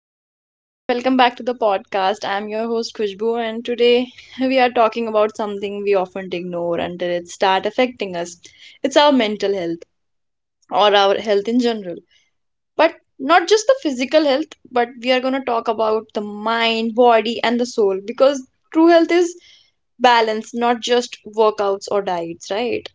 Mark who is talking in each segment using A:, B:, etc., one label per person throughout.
A: Hello everyone, welcome back to the podcast. I'm your host Khushbu, and today we are talking about something we often ignore until it start affecting us. It's our mental health, or our health in general, but not just the physical health. But we are going to talk about the mind, body, and the soul, because true health is balance, not just workouts or diets, right?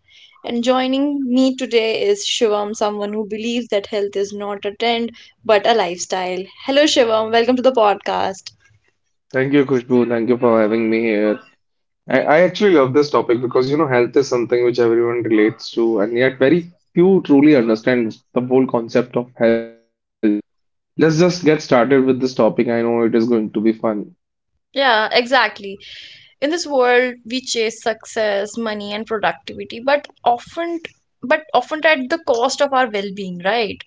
A: And joining me today is Shivam, someone who believes that health is not a trend but a lifestyle. Hello Shivam, welcome to the podcast.
B: Thank you, Khushbu. Thank you for having me here. I actually love this topic because you know health is something which everyone relates to, and yet very few truly understand the whole concept of health. So let's just get started with this topic. I know it is going to be fun.
A: Yeah, exactly. In this world, we chase success, money, and productivity, but often at the cost of our well-being, right?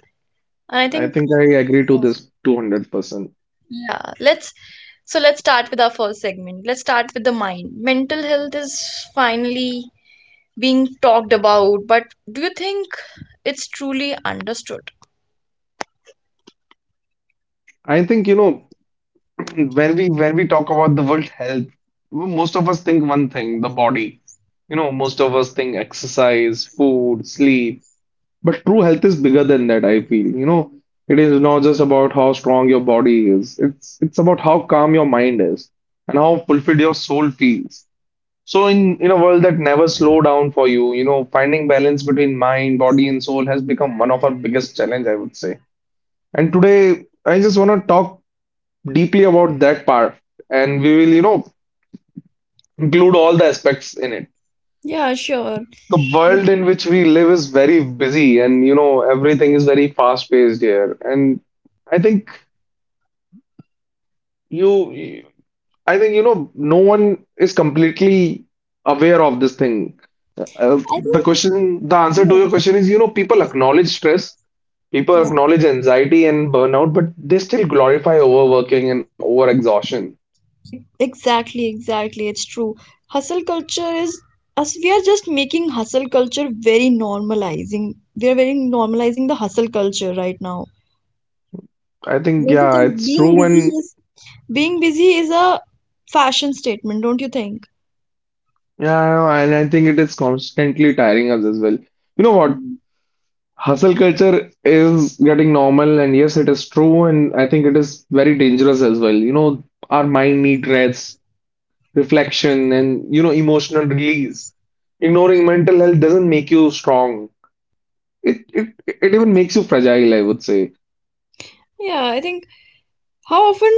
A: And I
B: I
A: think.
B: think I agree to this 200%.
A: Yeah, let's so let's start with our first segment. Let's start with the mind. Mental health is finally being talked about, but do you think it's truly understood?
B: I think you know when we talk about the word health, well, most of us think one thing, the body. You know, most of us think exercise, food, sleep. But true health is bigger than that, I feel. You know, it is not just about how strong your body is. It's about how calm your mind is and how fulfilled your soul feels. So in a world that never slow down for you, you know, finding balance between mind, body, and soul has become one of our biggest challenge, I would say. And today, I just want to talk deeply about that part, and we will, you know, include all the aspects in it.
A: Yeah, sure.
B: The
A: But
B: world in which we live is very busy, and you know everything is very fast paced here, and i think you I think you know no one is completely aware of this thing. uh,
A: I
B: the
A: think,
B: question the answer to
A: yeah,
B: your question is, you know, people acknowledge stress, people
A: yeah,
B: acknowledge anxiety and burnout, but they still glorify overworking and overexhaustion.
A: exactly, exactly. It's true. Hustle culture is us. We are just making hustle culture very normalizing. We are very normalizing the hustle culture right now.
B: I think
A: Don't you
B: yeah,
A: think
B: it's
A: being
B: true. And
A: busy is being busy is a fashion statement? Don't you think?
B: yeah, and I think it is constantly tiring us as well. You know what? Hustle culture is getting normal, and yes, it is true, and I think it is very dangerous as well. You know, our mind needs rest, reflection, and you know, emotional release. Ignoring mental health doesn't make you strong. It even makes you fragile, I would say.
A: Yeah, I think, how often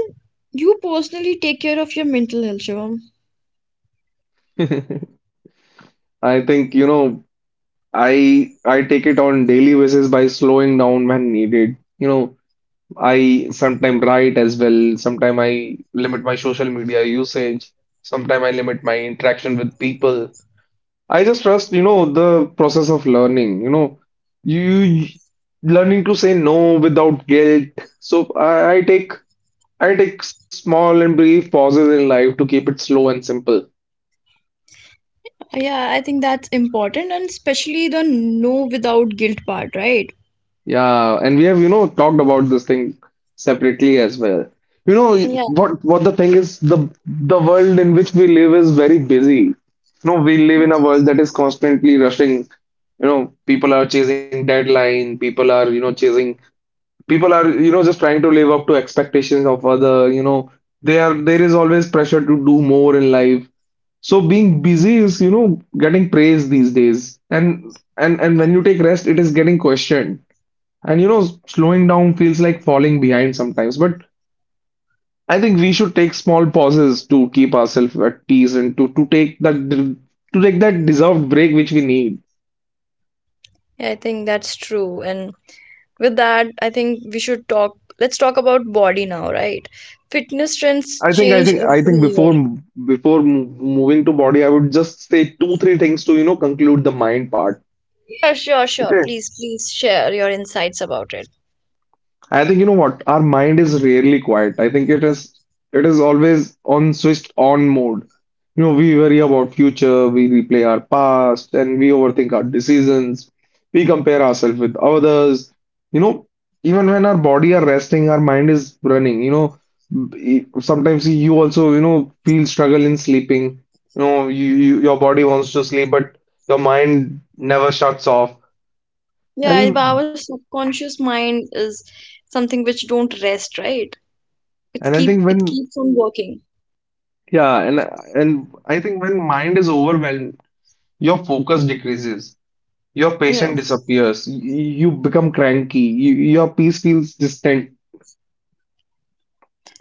A: you personally take care of your mental health, Shivam?
B: I think, you know, I take it on daily basis by slowing down when needed. You know, I sometime write as well. Sometime I limit my social media usage. Sometime I limit my interaction with people. I just trust, you know, the process of learning. You know, you Learning to say no without guilt. So I take small and brief pauses in life to keep it slow and simple.
A: Yeah, I think that's important, and especially the no without guilt part, right?
B: Yeah, and we have, you know, talked about this thing separately as well. You know,
A: Yeah,
B: what the thing is, the world in which we live is very busy. You know, we live in a world that is constantly rushing. You know, people are chasing deadline, people are, you know, chasing, people are, you know, just trying to live up to expectations of other, you know, they are, there is always pressure to do more in life. So being busy is, you know, getting praised these days. And and when you take rest, it is getting questioned. And you know, slowing down feels like falling behind sometimes, but I think we should take small pauses to keep ourselves at ease and to take that to take that deserved break which we need.
A: yeah, I think that's true. And with that, I think we should talk. Let's talk about body now, right? Fitness trends
B: I think I
A: change
B: think I
A: every
B: think
A: year.
B: before before moving to body, I would just say 2 3 things to, you know, conclude the mind part.
A: Sure, sure, sure.
B: Okay.
A: Please, please share your insights about it.
B: I think you know what? Our mind is rarely quiet. I think it is always on switched on mode. You know, we worry about future, we replay our past, and we overthink our decisions. We compare ourselves with others. You know, even when our body are resting, our mind is running. You know, sometimes you also, you know, feel struggle in sleeping. You know, you your body wants to sleep, but your mind never shuts off.
A: Yeah, if
B: And
A: our subconscious mind is something which don't rest, right? It's
B: and I
A: keep
B: think
A: it
B: when
A: keeps on working.
B: Yeah, and I think when mind is overwhelmed, your focus decreases, your
A: Yeah.
B: patience disappears, you become cranky, you, your peace feels distant,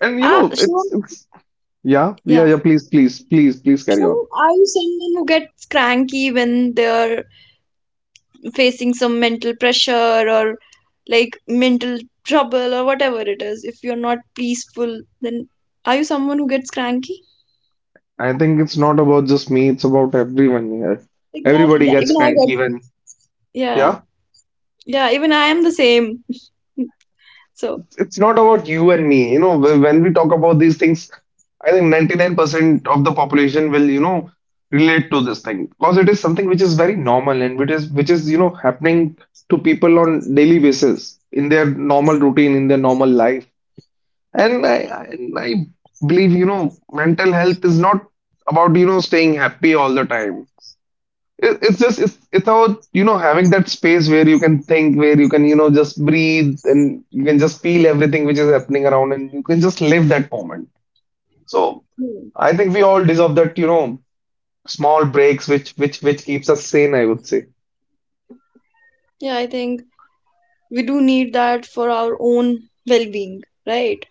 B: and you know
A: Shivam,
B: it's yeah yeah
A: yeah.
B: yeah. Please please carry on.
A: Shivam, are you someone who gets cranky when they're facing some mental pressure, or like mental trouble, or whatever it is? If you're not peaceful, then are you someone who gets cranky?
B: I think it's not about just me; it's about everyone here.
A: Exactly.
B: Everybody
A: Yeah.
B: gets
A: Even I
B: cranky
A: get.
B: when,
A: Yeah.
B: yeah.
A: Yeah. Even I am the same. So.
B: It's not about you and me. You know, when we talk about these things, I think 99% of the population will, you know, relate to this thing because it is something which is very normal and which is, you know, happening to people on daily basis in their normal routine, in their normal life. And I believe, you know, mental health is not about, you know, staying happy all the time. It, it's just it's about you know having that space where you can think, where you can you know just breathe and you can just feel everything which is happening around, and you can just live that moment. So
A: Hmm.
B: I think we all deserve that you know small breaks which which keeps us sane, I would say.
A: Yeah, I think we do need that for our own well-being, right?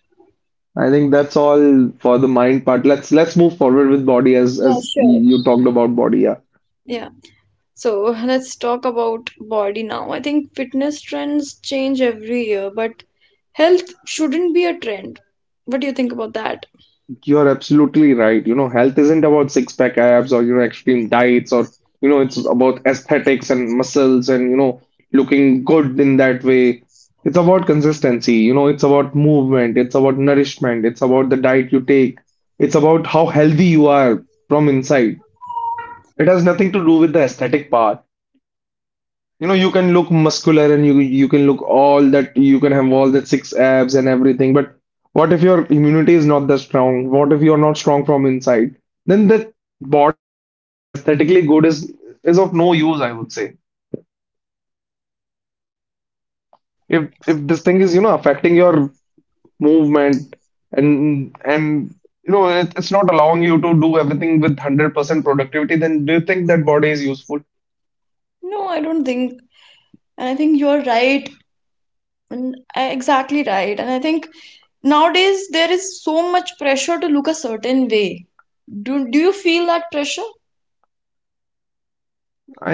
B: I think that's all for the mind part. Let's move forward with body
A: Yeah,
B: as
A: sure.
B: you talked about body. Yeah.
A: Yeah. So, let's talk about body now. I think fitness trends change every year, but health shouldn't be a trend. What do you think about that?
B: You're absolutely right. You know, health isn't about six pack abs or, you know, extreme diets or, you know, it's about aesthetics and muscles and, you know, looking good in that way. It's about consistency. You know, it's about movement. It's about nourishment. It's about the diet you take. It's about how healthy you are from inside. It has nothing to do with the aesthetic part. You know, you can look muscular and you can look all that, you can have all that six abs and everything, but what if your immunity is not that strong? What if you're not strong from inside? Then that body which is aesthetically good is of no use, I would say. If this thing is, you know, affecting your movement and you know, it, it's not allowing you to do everything with 100% productivity, then do you think that body is useful?
A: No, I don't think. And I think you're right. Exactly right. And I think nowadays there is so much pressure to look a certain way. Do you feel that pressure?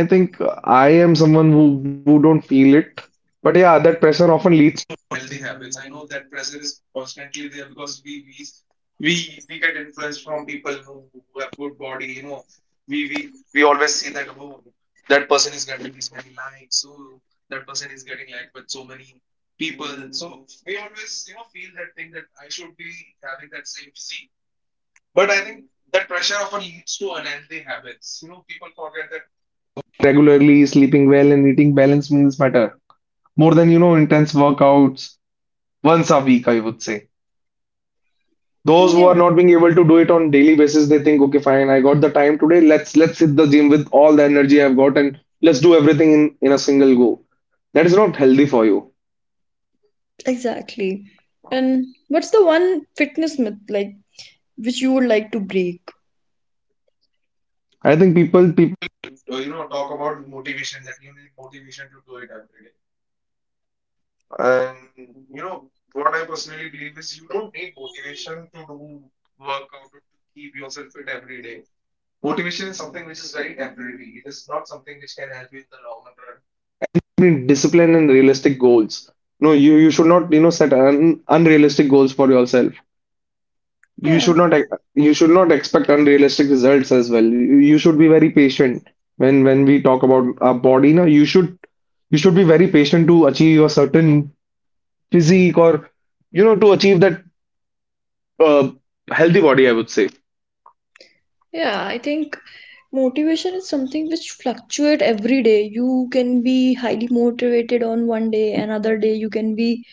B: I think I am someone who don't feel it. But yeah, that pressure often leads to unhealthy habits. I know that pressure is constantly there because we get influenced from people who have good body, you know. We always see that, oh, that person is getting this many likes, so that person is getting liked by so many people. So we always, you know, feel that thing that I should be having that same physique. But I think that pressure often leads to unhealthy habits. You know, people forget that regularly, sleeping well, and eating balanced meals matter more than, you know, intense workouts once a week, I would say. Those who are
A: Yeah,
B: not being able to do it on daily basis, they think, okay, fine, I got the time today. Let's hit the gym with all the energy I've got and let's do everything in a single go. That is not healthy for you.
A: exactly. And what's the one fitness myth, like, which you would like to break?
B: I think people you know talk about motivation that you need motivation to do it every day. And you know what I personally believe is you don't need motivation to do workout to keep yourself fit every day. Motivation is something which is very temporary. It is not something which can help you in the long run. Need discipline and realistic goals. No, you should not, you know, set un unrealistic goals for yourself. You
A: Yeah.
B: should not you should not expect unrealistic results as well. You should be very patient when we talk about our body. Now you should be very patient to achieve a certain physique, or you know to achieve that uh, healthy body, I would say.
A: Yeah, I think motivation is something which fluctuate every day. You can be highly motivated on one day, another day you can be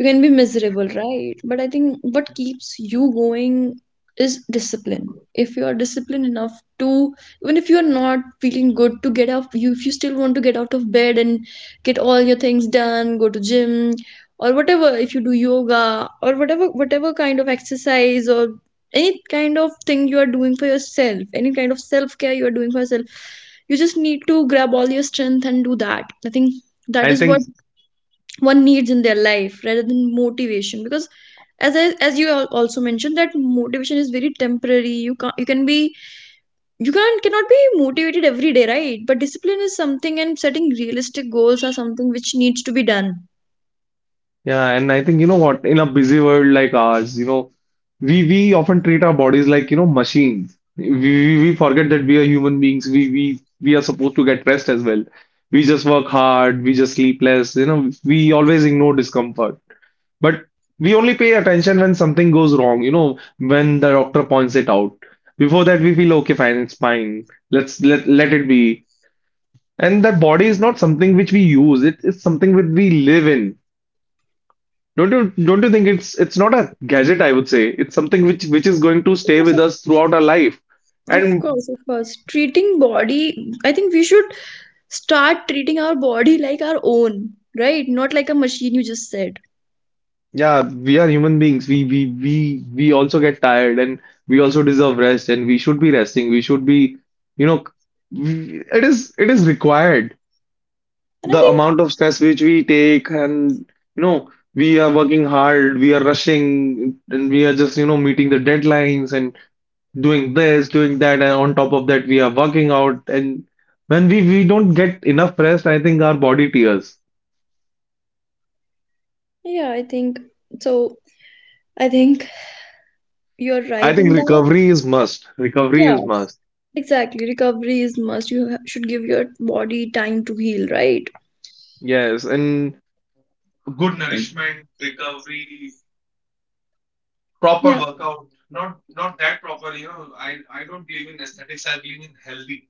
A: you can be miserable, right? But I think what keeps you going is discipline. If you are disciplined enough, to, even if you are not feeling good to get up, you if you still want to get out of bed and get all your things done, go to gym or whatever, if you do yoga or whatever kind of exercise, or any kind of thing you are doing for yourself, any kind of self-care you are doing for yourself, you just need to grab all your strength and do that. I think that
B: I
A: is what
B: think
A: one needs in their life, rather than motivation, because as you also mentioned that motivation is very temporary. You can not you can be you can't cannot be motivated every day, right? But discipline is something, and setting realistic goals are something which needs to be done.
B: Yeah, and I think you know what, in a busy world like ours, you know we often treat our bodies like, you know, machines. We forget that we are human beings. We We are supposed to get rest as well. We just work hard, we just sleep less, you know, we always ignore discomfort, but we only pay attention when something goes wrong, you know, when the doctor points it out. Before that we feel, okay, fine, it's fine, let let it be. And that body is not something which we use. It is something which we live in. Don't don't you think it's not a gadget, I would say. It's something which is going to stay with us throughout our life.
A: Of
B: And
A: course, of course. Treating body, I think we should start treating our body like our own, right? Not like a machine, you just said.
B: yeah, we are human beings. We also get tired, and we also deserve rest and we should be resting. We should be, you know, it is required.
A: And I
B: The
A: think,
B: amount of stress which we take, and you know, we are working hard, we are rushing and we are just, you know, meeting the deadlines and doing this, doing that, and on top of that, we are working out. And when we don't get enough rest, I think our body tears.
A: yeah, I think so. I think you're
B: I
A: right
B: think
A: in that.
B: recovery is must. Recovery is
A: Yeah,
B: must.
A: exactly. Recovery is must. Should give your body time to heal, right?
B: Yes, and good nourishment, recovery, proper
A: Yeah,
B: workout. Not that proper. I don't believe in aesthetics. I believe in healthy.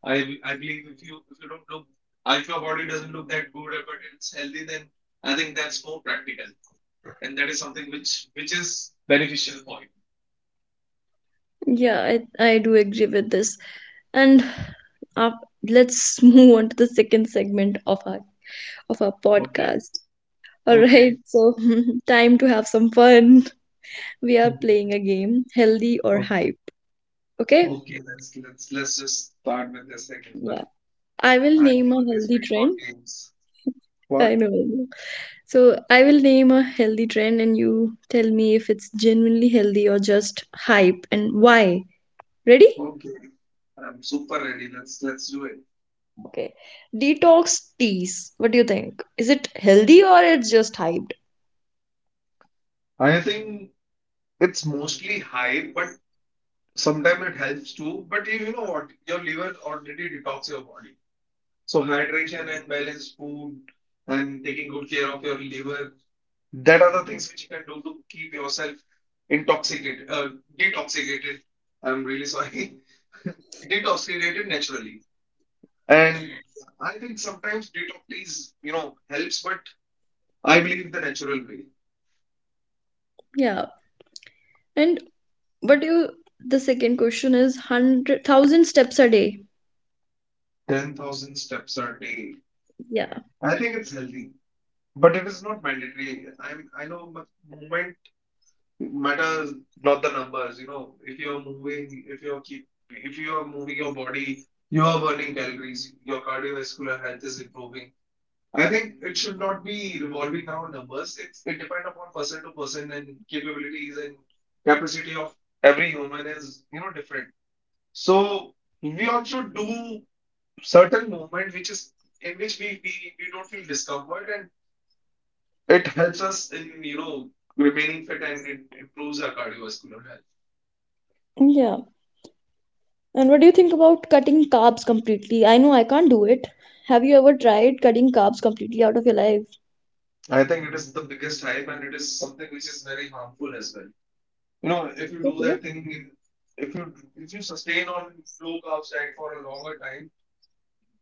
B: I believe if you don't look, if your body doesn't look that good, but it's healthy, then I think that's more practical, and that is something which is beneficial for
A: yeah, I do agree with this. And up, let's move on to the second segment of our
B: you.
A: podcast. All right,
B: Okay.
A: so time to have some fun. We are
B: Mhm.
A: playing a game, healthy or
B: Oh,
A: hype. Okay?
B: oh. Okay, let's just start with this thing as well.
A: Yeah. I will
B: I
A: name a
B: always
A: healthy
B: wait for
A: trend.
B: games. What?
A: I know. I know. So I will name a healthy trend and you tell me if it's genuinely healthy or just hype, and why. Ready?
B: Okay. I'm super ready. Let's do it.
A: Okay. Detox teas. What do you think? Is it healthy, or it's just hyped?
B: I think it's mostly hype, but sometimes it helps too. But you know what? Your liver already detox your body. So hydration and balanced food and taking good care of your liver, that are the things which you can do to keep yourself intoxicated, detoxicated. I'm really sorry. Detoxicated naturally. And I think sometimes detox helps, but I believe the natural way.
A: Yeah. And what do you the second question is 100,000 steps a day.
B: 10,000 steps a day.
A: Yeah.
B: I think it's healthy, but it is not mandatory. I know but movement matters, not the numbers. You know, if you're moving, if you are moving your body, you are burning calories, your cardiovascular health is improving. I think it should not be revolving around numbers. It depends upon person to person and capabilities and capacity of every human is different. So we also do certain movement which is in which we don't feel discomfort and it helps us in remaining fit and it improves our cardiovascular health.
A: Yeah. And what do you think about cutting carbs completely? I know I can't do it. Have you ever tried cutting carbs completely out of your life?
B: I think it is the biggest hype and it is something which is very harmful as well. You know, if you do
A: Okay.
B: that thing, if you if you sustain on low carb diet for a longer time,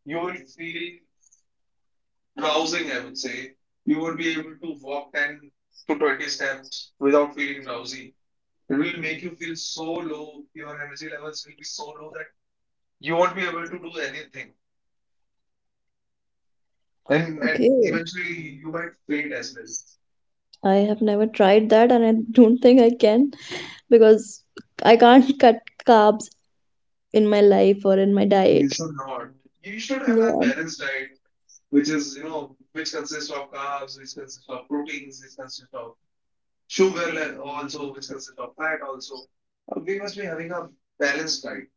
B: you will feel rousing, I would say. You would be able to walk 10 to 20 steps without feeling drowsy. It will make you feel so low, your energy levels will be so low that you won't be able to do anything. And
A: Okay.
B: eventually, you might faint as well.
A: I have never tried that, and I don't think I can, because I can't cut carbs in my life or in my
B: You
A: diet.
B: should not. You should have a
A: Yeah,
B: balanced diet, which is, you know, which consists of carbs, which consists of proteins, which consists of sugar, also, which consists of fat, also. We must be having a balanced diet.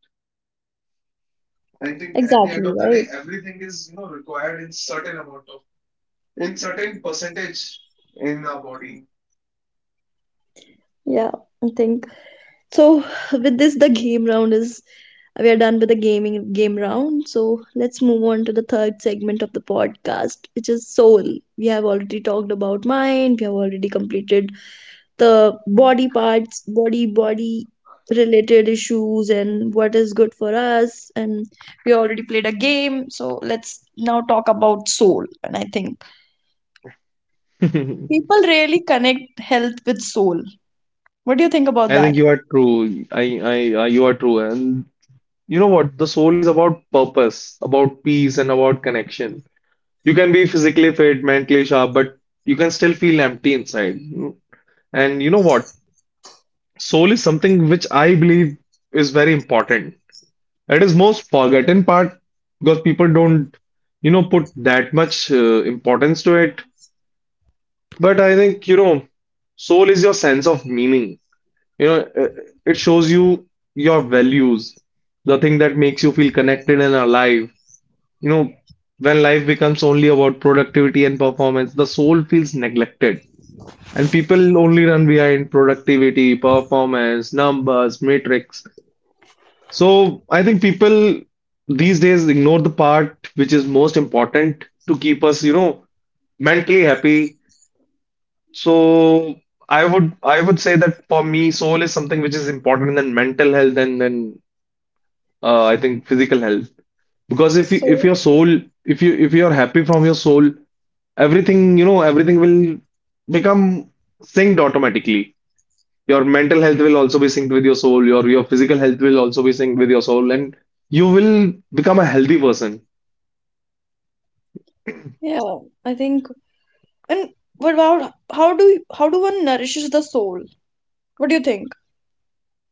B: I think at the end
A: exactly,
B: of the day,
A: right?
B: everything is required in certain percentage in our body.
A: Yeah, I think. So with this, the game round is we are done with the gaming game round. So let's move on to the third segment of the podcast, which is soul. We have already talked about mind. We have already completed the body parts, body related issues, and what is good for us. And we already played a game. So let's now talk about soul. And I think
B: I
A: people really connect health with soul. What do you think about
B: think
A: that?
B: you are true. You are true. And you know what? The soul is about purpose, about peace, and about connection. You can be physically fit, mentally sharp, but you can still feel empty inside. And you know what? Soul is something which I believe is very important. It is most forgotten part because people don't put that much importance to it. But I think soul is your sense of meaning. You know, it shows you your values, the thing that makes you feel connected and alive. You know, when life becomes only about productivity and performance, the soul feels neglected. And people only run behind productivity, performance, numbers, matrix. So I think people these days ignore the part which is most important to keep us mentally happy. So I would say that for me, soul is something which is important than mental health and then I think physical health. Because if you if
A: So
B: your soul if you if you're happy from your soul, everything you know everything will become synced automatically. Your mental health will also be synced with your soul. Your physical health will also be synced with your soul, and you will become a healthy person.
A: yeah, I think. And what about, how do one nourishes the soul? What do you think?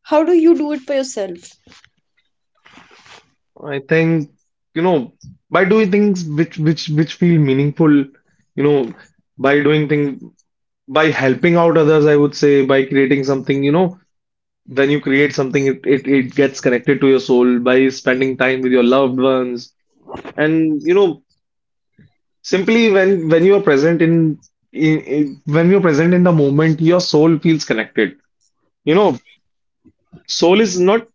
A: How do you do it for yourself?
B: I think, you know, by doing things which feel meaningful, by doing things, by helping out others, I would say, by creating something, when you create something, it gets connected to your soul by spending time with your loved ones. And simply when you are present in, when you're present in the moment, your soul feels connected. You know, soul is not.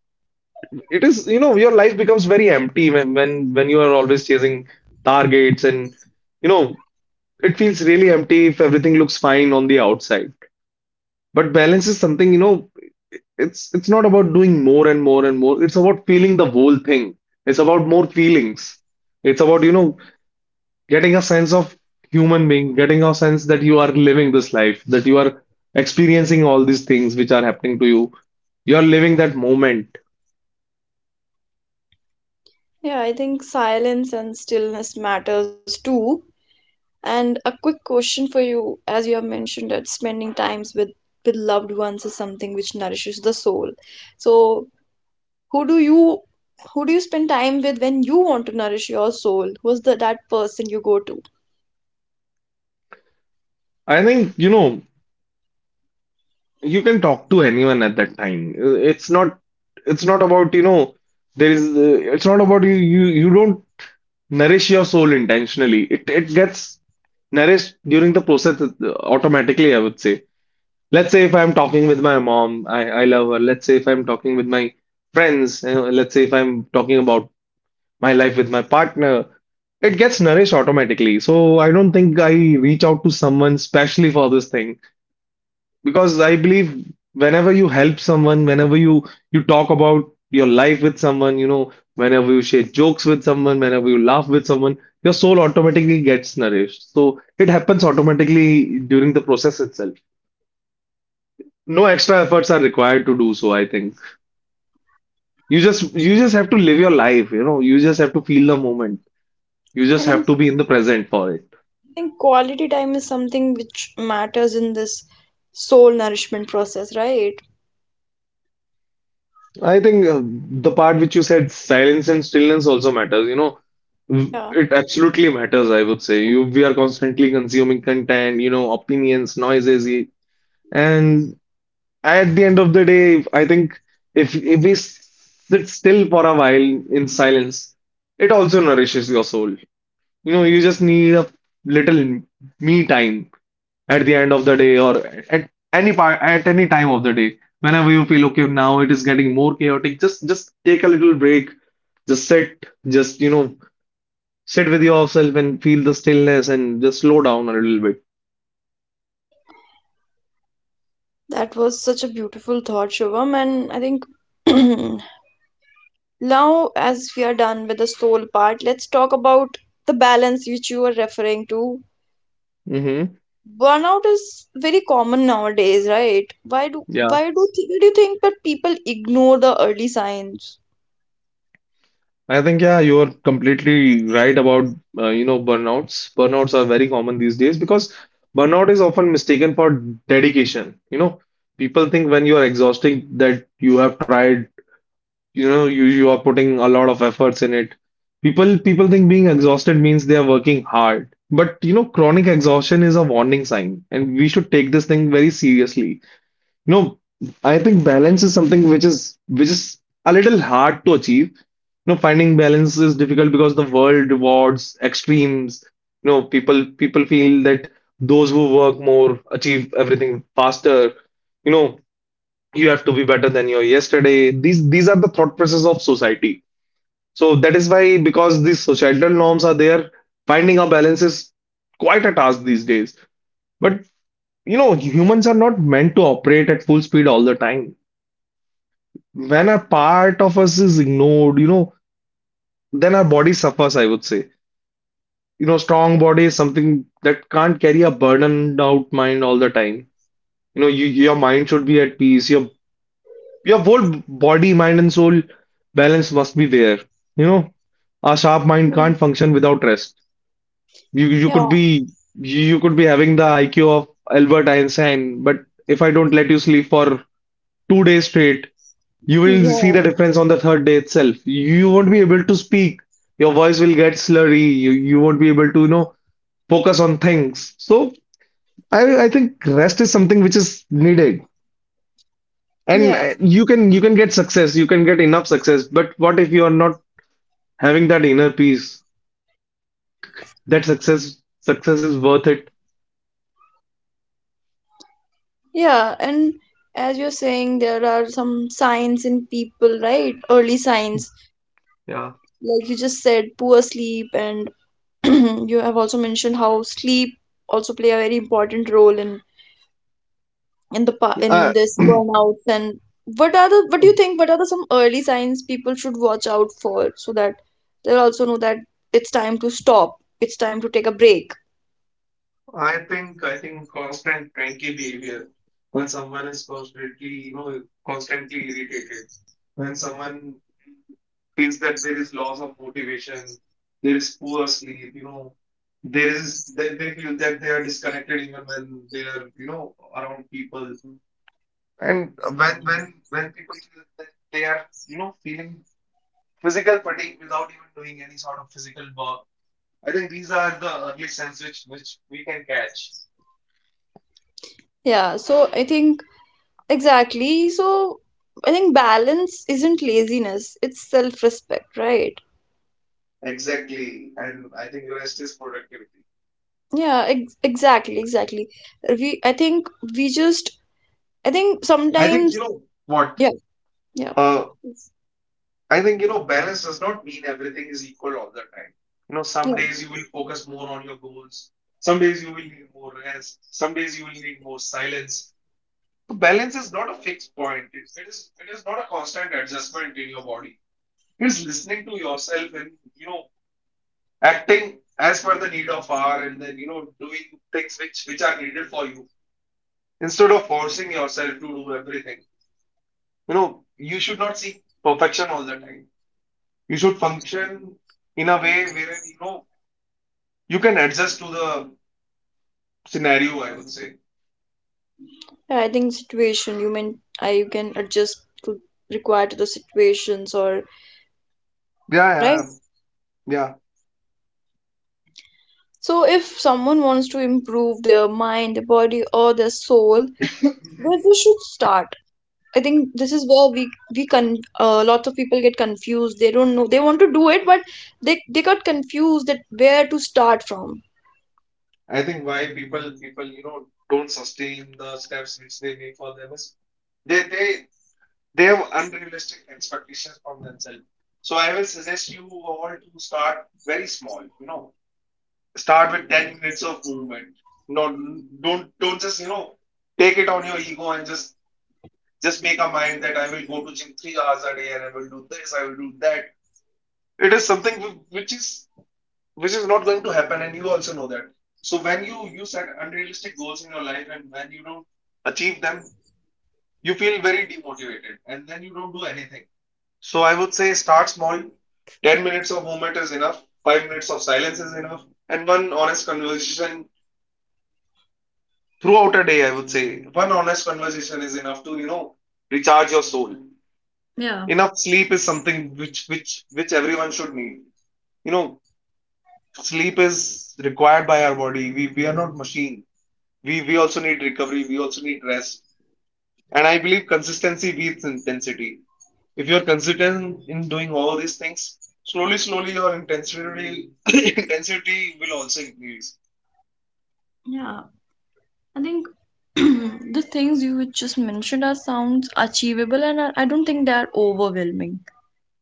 B: It is, your life becomes very empty when you are always chasing targets, and you know, it feels really empty if everything looks fine on the outside. But balance is something, it's not about doing more and more and more. It's about feeling the whole thing. It's about more feelings. It's about getting a sense of human being, getting a sense that you are living this life, that you are experiencing all these things which are happening to you. You're living that moment.
A: Yeah, I think silence and stillness matters too. And a quick question for you: as you have mentioned that spending times with loved ones is something which nourishes the soul, so, who do you who do you spend time with when you want to nourish your soul? Who's the that person you go to?
B: I think you can talk to anyone at that time. It's not about, you know, there is, it's not about, you don't nourish your soul intentionally. It gets nourished during the process, automatically, I would say. Let's say if I'm talking with my mom, I love her. Let's say if I'm talking with my friends, let's say if I'm talking about my life with my partner, it gets nourished automatically, so I don't think I reach out to someone specially for this thing, because I believe whenever you help someone, whenever you talk about your life with someone, whenever you share jokes with someone, whenever you laugh with someone, your soul automatically gets nourished. So it happens automatically during the process itself. No extra efforts are required to do so, I think. You just have to live your life, you just have to feel the moment. You
A: I
B: just have
A: think
B: to be in the present for it.
A: I think quality time is something which matters in this soul nourishment process, right?
B: I think the part which you said, silence and stillness also matters. You know, Mm,
A: Yeah,
B: it absolutely matters, I would say. We are constantly consuming content, opinions, noises, and at the end of the day, I think if we sit still for a while in silence, it also nourishes your soul. You know, you just need a little me time at the end of the day or at any time of the day whenever you feel okay, now it is getting more chaotic. Just take a little break, just sit, just sit with yourself and feel the stillness, and just slow down a little bit.
A: that was such a beautiful thought, Shubham. And I think, now, as we are done with the soul part, let's talk about the balance which you are referring to.
B: Mm-hmm.
A: Burnout is very common nowadays, right? Why do
B: Yeah,
A: why do th- why do you think that people ignore the early signs?
B: I think. Yeah, you are completely right about burnouts. Burnouts are very common these days because burnout is often mistaken for dedication. People think when you are exhausting that you have tried. You are putting a lot of efforts in it. People think being exhausted means they are working hard, but chronic exhaustion is a warning sign, and we should take this thing very seriously know I think balance is something which is a little hard to achieve. Finding balance is difficult because the world rewards extremes. People feel that those who work more achieve everything faster you know you have to be better than your yesterday. These are the thought process of society. So that is why, because these societal norms are there, finding a balance is quite a task these days. But humans are not meant to operate at full speed all the time. When a part of us is ignored, then our body suffers, I would say. Strong body is something that can't carry a burdened out mind all the time. Your mind should be at peace. Your whole body, mind, and soul balance must be there. You know, a sharp mind
A: Hmm.
B: can't function without rest. You you
A: Yeah,
B: could be you could be having the IQ of Albert Einstein, but if I don't let you sleep for 2 days straight, you will see
A: yeah,
B: the difference on the third day itself. You won't be able to speak. Your voice will get slurry. You won't be able to focus on things. So I think rest is something which is needed. And
A: yeah,
B: you can get success, you can get enough success, but what if you are not having that inner peace? Do you think that success is worth it?
A: yeah. And as you're saying, there are some signs in people, right? Early signs,
B: Yeah.
A: like you just said, poor sleep, and you have also mentioned how sleep also play a very important role in in
B: Uh,
A: this burnouts, and what are the what do you think what are the some early signs people should watch out for, so that they'll also know that it's time to stop, it's time to take a break.
B: I think constant cranky behavior when someone is constantly you know constantly irritated, when someone feels that there is loss of motivation, there is poor sleep, you know, there is they feel that they are disconnected even when they are, you know, around people. And when people feel that they are, you know, feeling physical fatigue without even doing any sort of physical work, I think these are the early signs which we can catch.
A: Yeah, so I think, exactly, so I think balance isn't laziness, it's self respect, right?
B: Exactly. And I think rest is productivity.
A: Yeah, exactly. We, I think, we just, I think,
B: I think, you
A: sometimes,
B: know what?
A: yeah, yeah,
B: Uh,
A: it's-
B: I think, you know, balance does not mean everything is equal all the time. You know, some
A: yeah.
B: days you will focus more on your goals. Some days you will need more rest. Some days you will need more silence. So balance is not a fixed point. It is not a constant adjustment in your body. Is listening to yourself and, you know, acting as per the need of hour, and then, you know, doing things which are needed for you, instead of forcing yourself to do everything. You know, you should not seek perfection all the time. You should function in a way wherein, you know, you can adjust to the scenario, I would say.
A: Yeah, I think situation, you mean, you can adjust to, require to the situations, or
B: Yeah,
A: right.
B: yeah, yeah.
A: So if someone wants to improve their mind, their body, or their soul, where we should start? I think this is where we con lots of people get confused. They don't know they want to do it, but they got confused that where to start from.
B: I think why people, you know, don't sustain the steps which they make for them is they they they have unrealistic expectations from themselves. So I will suggest you all to start very small. You know, start with 10 minutes of movement. No, don't just, you know, take it on your ego and just make a mind that I will go to gym 3 hours a day, and I will do this, I will do that. It is something which is not going to happen, and you also know that. So when you set unrealistic goals in your life, and when you don't achieve them, you feel very demotivated, and then you don't do anything. So I would say start small. 10 minutes of movement is enough, 5 minutes of silence is enough, and one honest conversation throughout a day, I would say. One honest conversation is enough to, you know, recharge your soul.
A: Yeah.
B: Enough sleep is something which everyone should need. You know, sleep is required by our body. We are not machine. We also need recovery, we also need rest. And I believe consistency beats intensity. If you're consistent in doing all these things, slowly, slowly your intensity intensity will also increase.
A: Yeah, I think the things you just mentioned are sounds achievable, and I don't think they are overwhelming,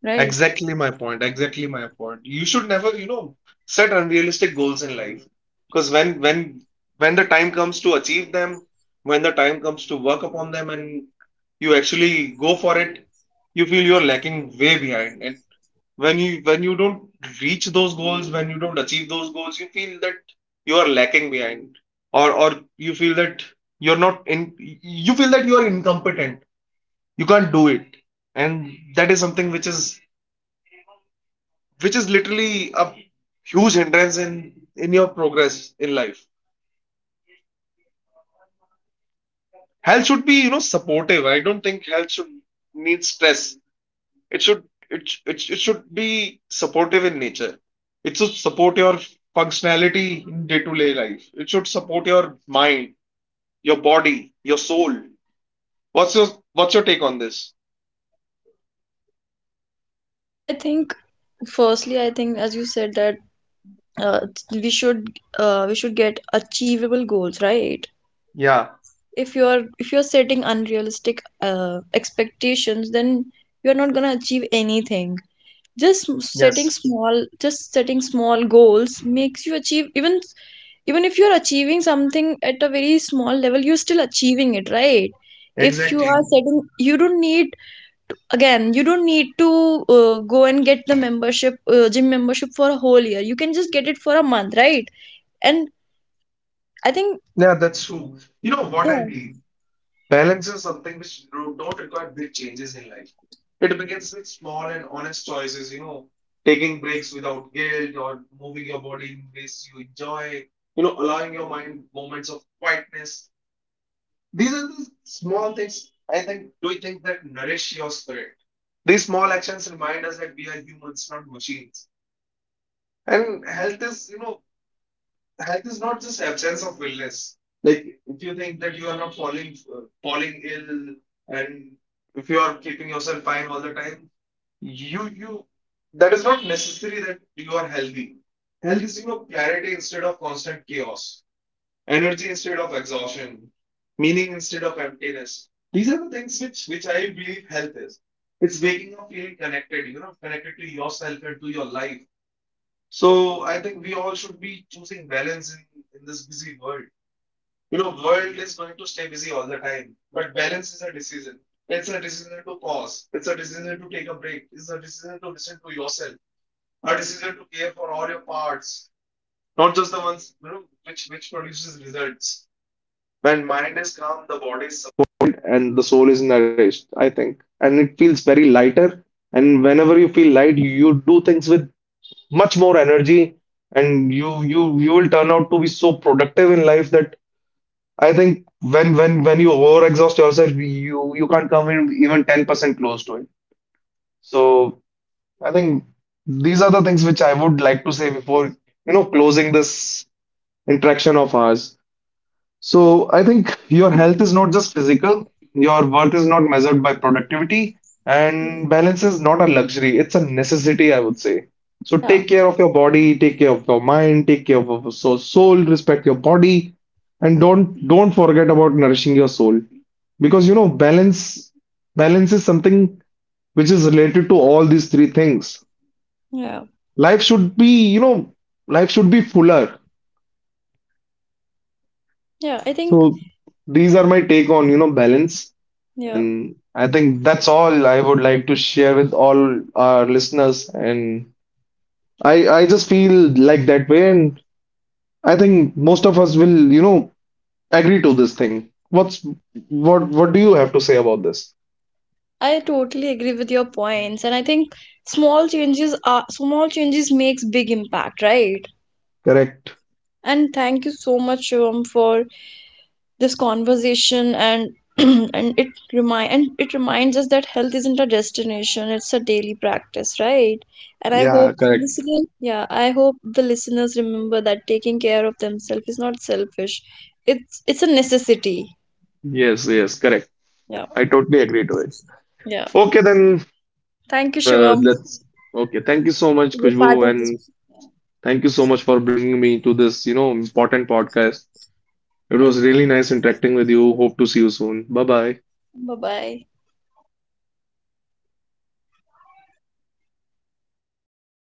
A: right?
B: Exactly my point. Exactly my point. You should never, you know, set unrealistic goals in life. Because when the time comes to achieve them, when the time comes to work upon them, and you actually go for it, you feel you're lacking way behind. And when you don't reach those goals, when you don't achieve those goals, you feel that you are lacking behind. Or you feel that you're not in you feel that you are incompetent. You can't do it. And that is something which is literally a huge hindrance in your progress in life. Health should be, you know, supportive. I don't think health should need stress. It should it should be supportive in nature. It should support your functionality in day-to-day life. It should support your mind, your body, your soul. What's your what's your take on this?
A: Yeah, I think, firstly, I think, as you said that uh, we should we should get achievable goals, right?
B: Yeah,
A: If you're setting unrealistic expectations, then you're not gonna achieve anything. Just m- setting
B: yes,
A: small, just setting small goals makes you achieve, even if you're achieving something at a very small level, you're still achieving it, right? If you
B: exactly.
A: are setting, you don't need to, go and get the membership gym membership for a whole year, you can just get it for a month, right? And I think,
B: Yeah, that's true. You know what I
A: yeah,
B: believe? Balance is something which don't require big changes in life. It begins with small and honest choices, you know, taking breaks without guilt, or moving your body in ways you enjoy, you know, allowing your mind moments of quietness. These are the small things, I think, do you think, that nourish your spirit. These small actions remind us that we are humans, not machines. And health is, you know, health is not just absence of illness. Like, if you think that you are not falling falling ill, and if you are keeping yourself fine all the time, you that is not necessary that you are healthy. Health is, you know, clarity instead of constant chaos, energy instead of exhaustion, meaning instead of emptiness. These are the things which I believe health is. It's waking up feeling connected, you know, connected to yourself and to your life. So I think we all should be choosing balance in this busy world. You know, world is going to stay busy all the time, but balance is a decision. It's a decision to pause. It's a decision to take a break. It's a decision to listen to yourself. A decision to care for all your parts, not just the ones, you know, which produces results. When mind is calm, the body is supported and the soul is nourished, I think, and it feels very lighter. And whenever you feel light, you do things with much more energy, and you will turn out to be so productive in life that I think when when you overexhaust yourself, you can't come in even 10% close to it. So I think these are the things which I would like to say before, you know, closing this interaction of ours. So
A: yeah,
B: I think your health is not just physical, your worth is not measured by productivity, and balance is not a luxury, it's a necessity, I would say. So take
A: yeah,
B: care of your body, take care of your mind, take care of your soul, respect your body, and don't forget about nourishing your soul. Because, you know, balance is something which is related to all these three things.
A: yeah,
B: Life should be, you know, life should be fuller.
A: yeah, I think,
B: So these are my take on, you know, balance.
A: yeah.
B: And I think that's all I would like to share with all our listeners. And I just feel like that way. And I think most of us will, you know, agree to this thing. What's what do you have to say about this?
A: I totally agree with your points, and I think small changes makes big impact, right?
B: Correct.
A: And thank you so much, Shivam, for this conversation, and and it reminds us that health isn't a destination, it's a daily practice, right? And I
B: Yeah,
A: hope
B: correct.
A: listeners yeah, I hope the listeners remember that taking care of themselves is not selfish, it's a necessity.
B: Yes, yes, correct.
A: Yeah,
B: I totally agree to it.
A: yeah.
B: Okay, then let's
A: Thank you,
B: level.
A: Shivam,
B: Let's. Okay, thank you so
A: for
B: much,
A: being part
B: Kushbu,
A: of this.
B: and thank you so much for bringing me to this, you know, important podcast. It was really nice interacting with you. Hope to see you soon. Bye bye.
A: Bye bye.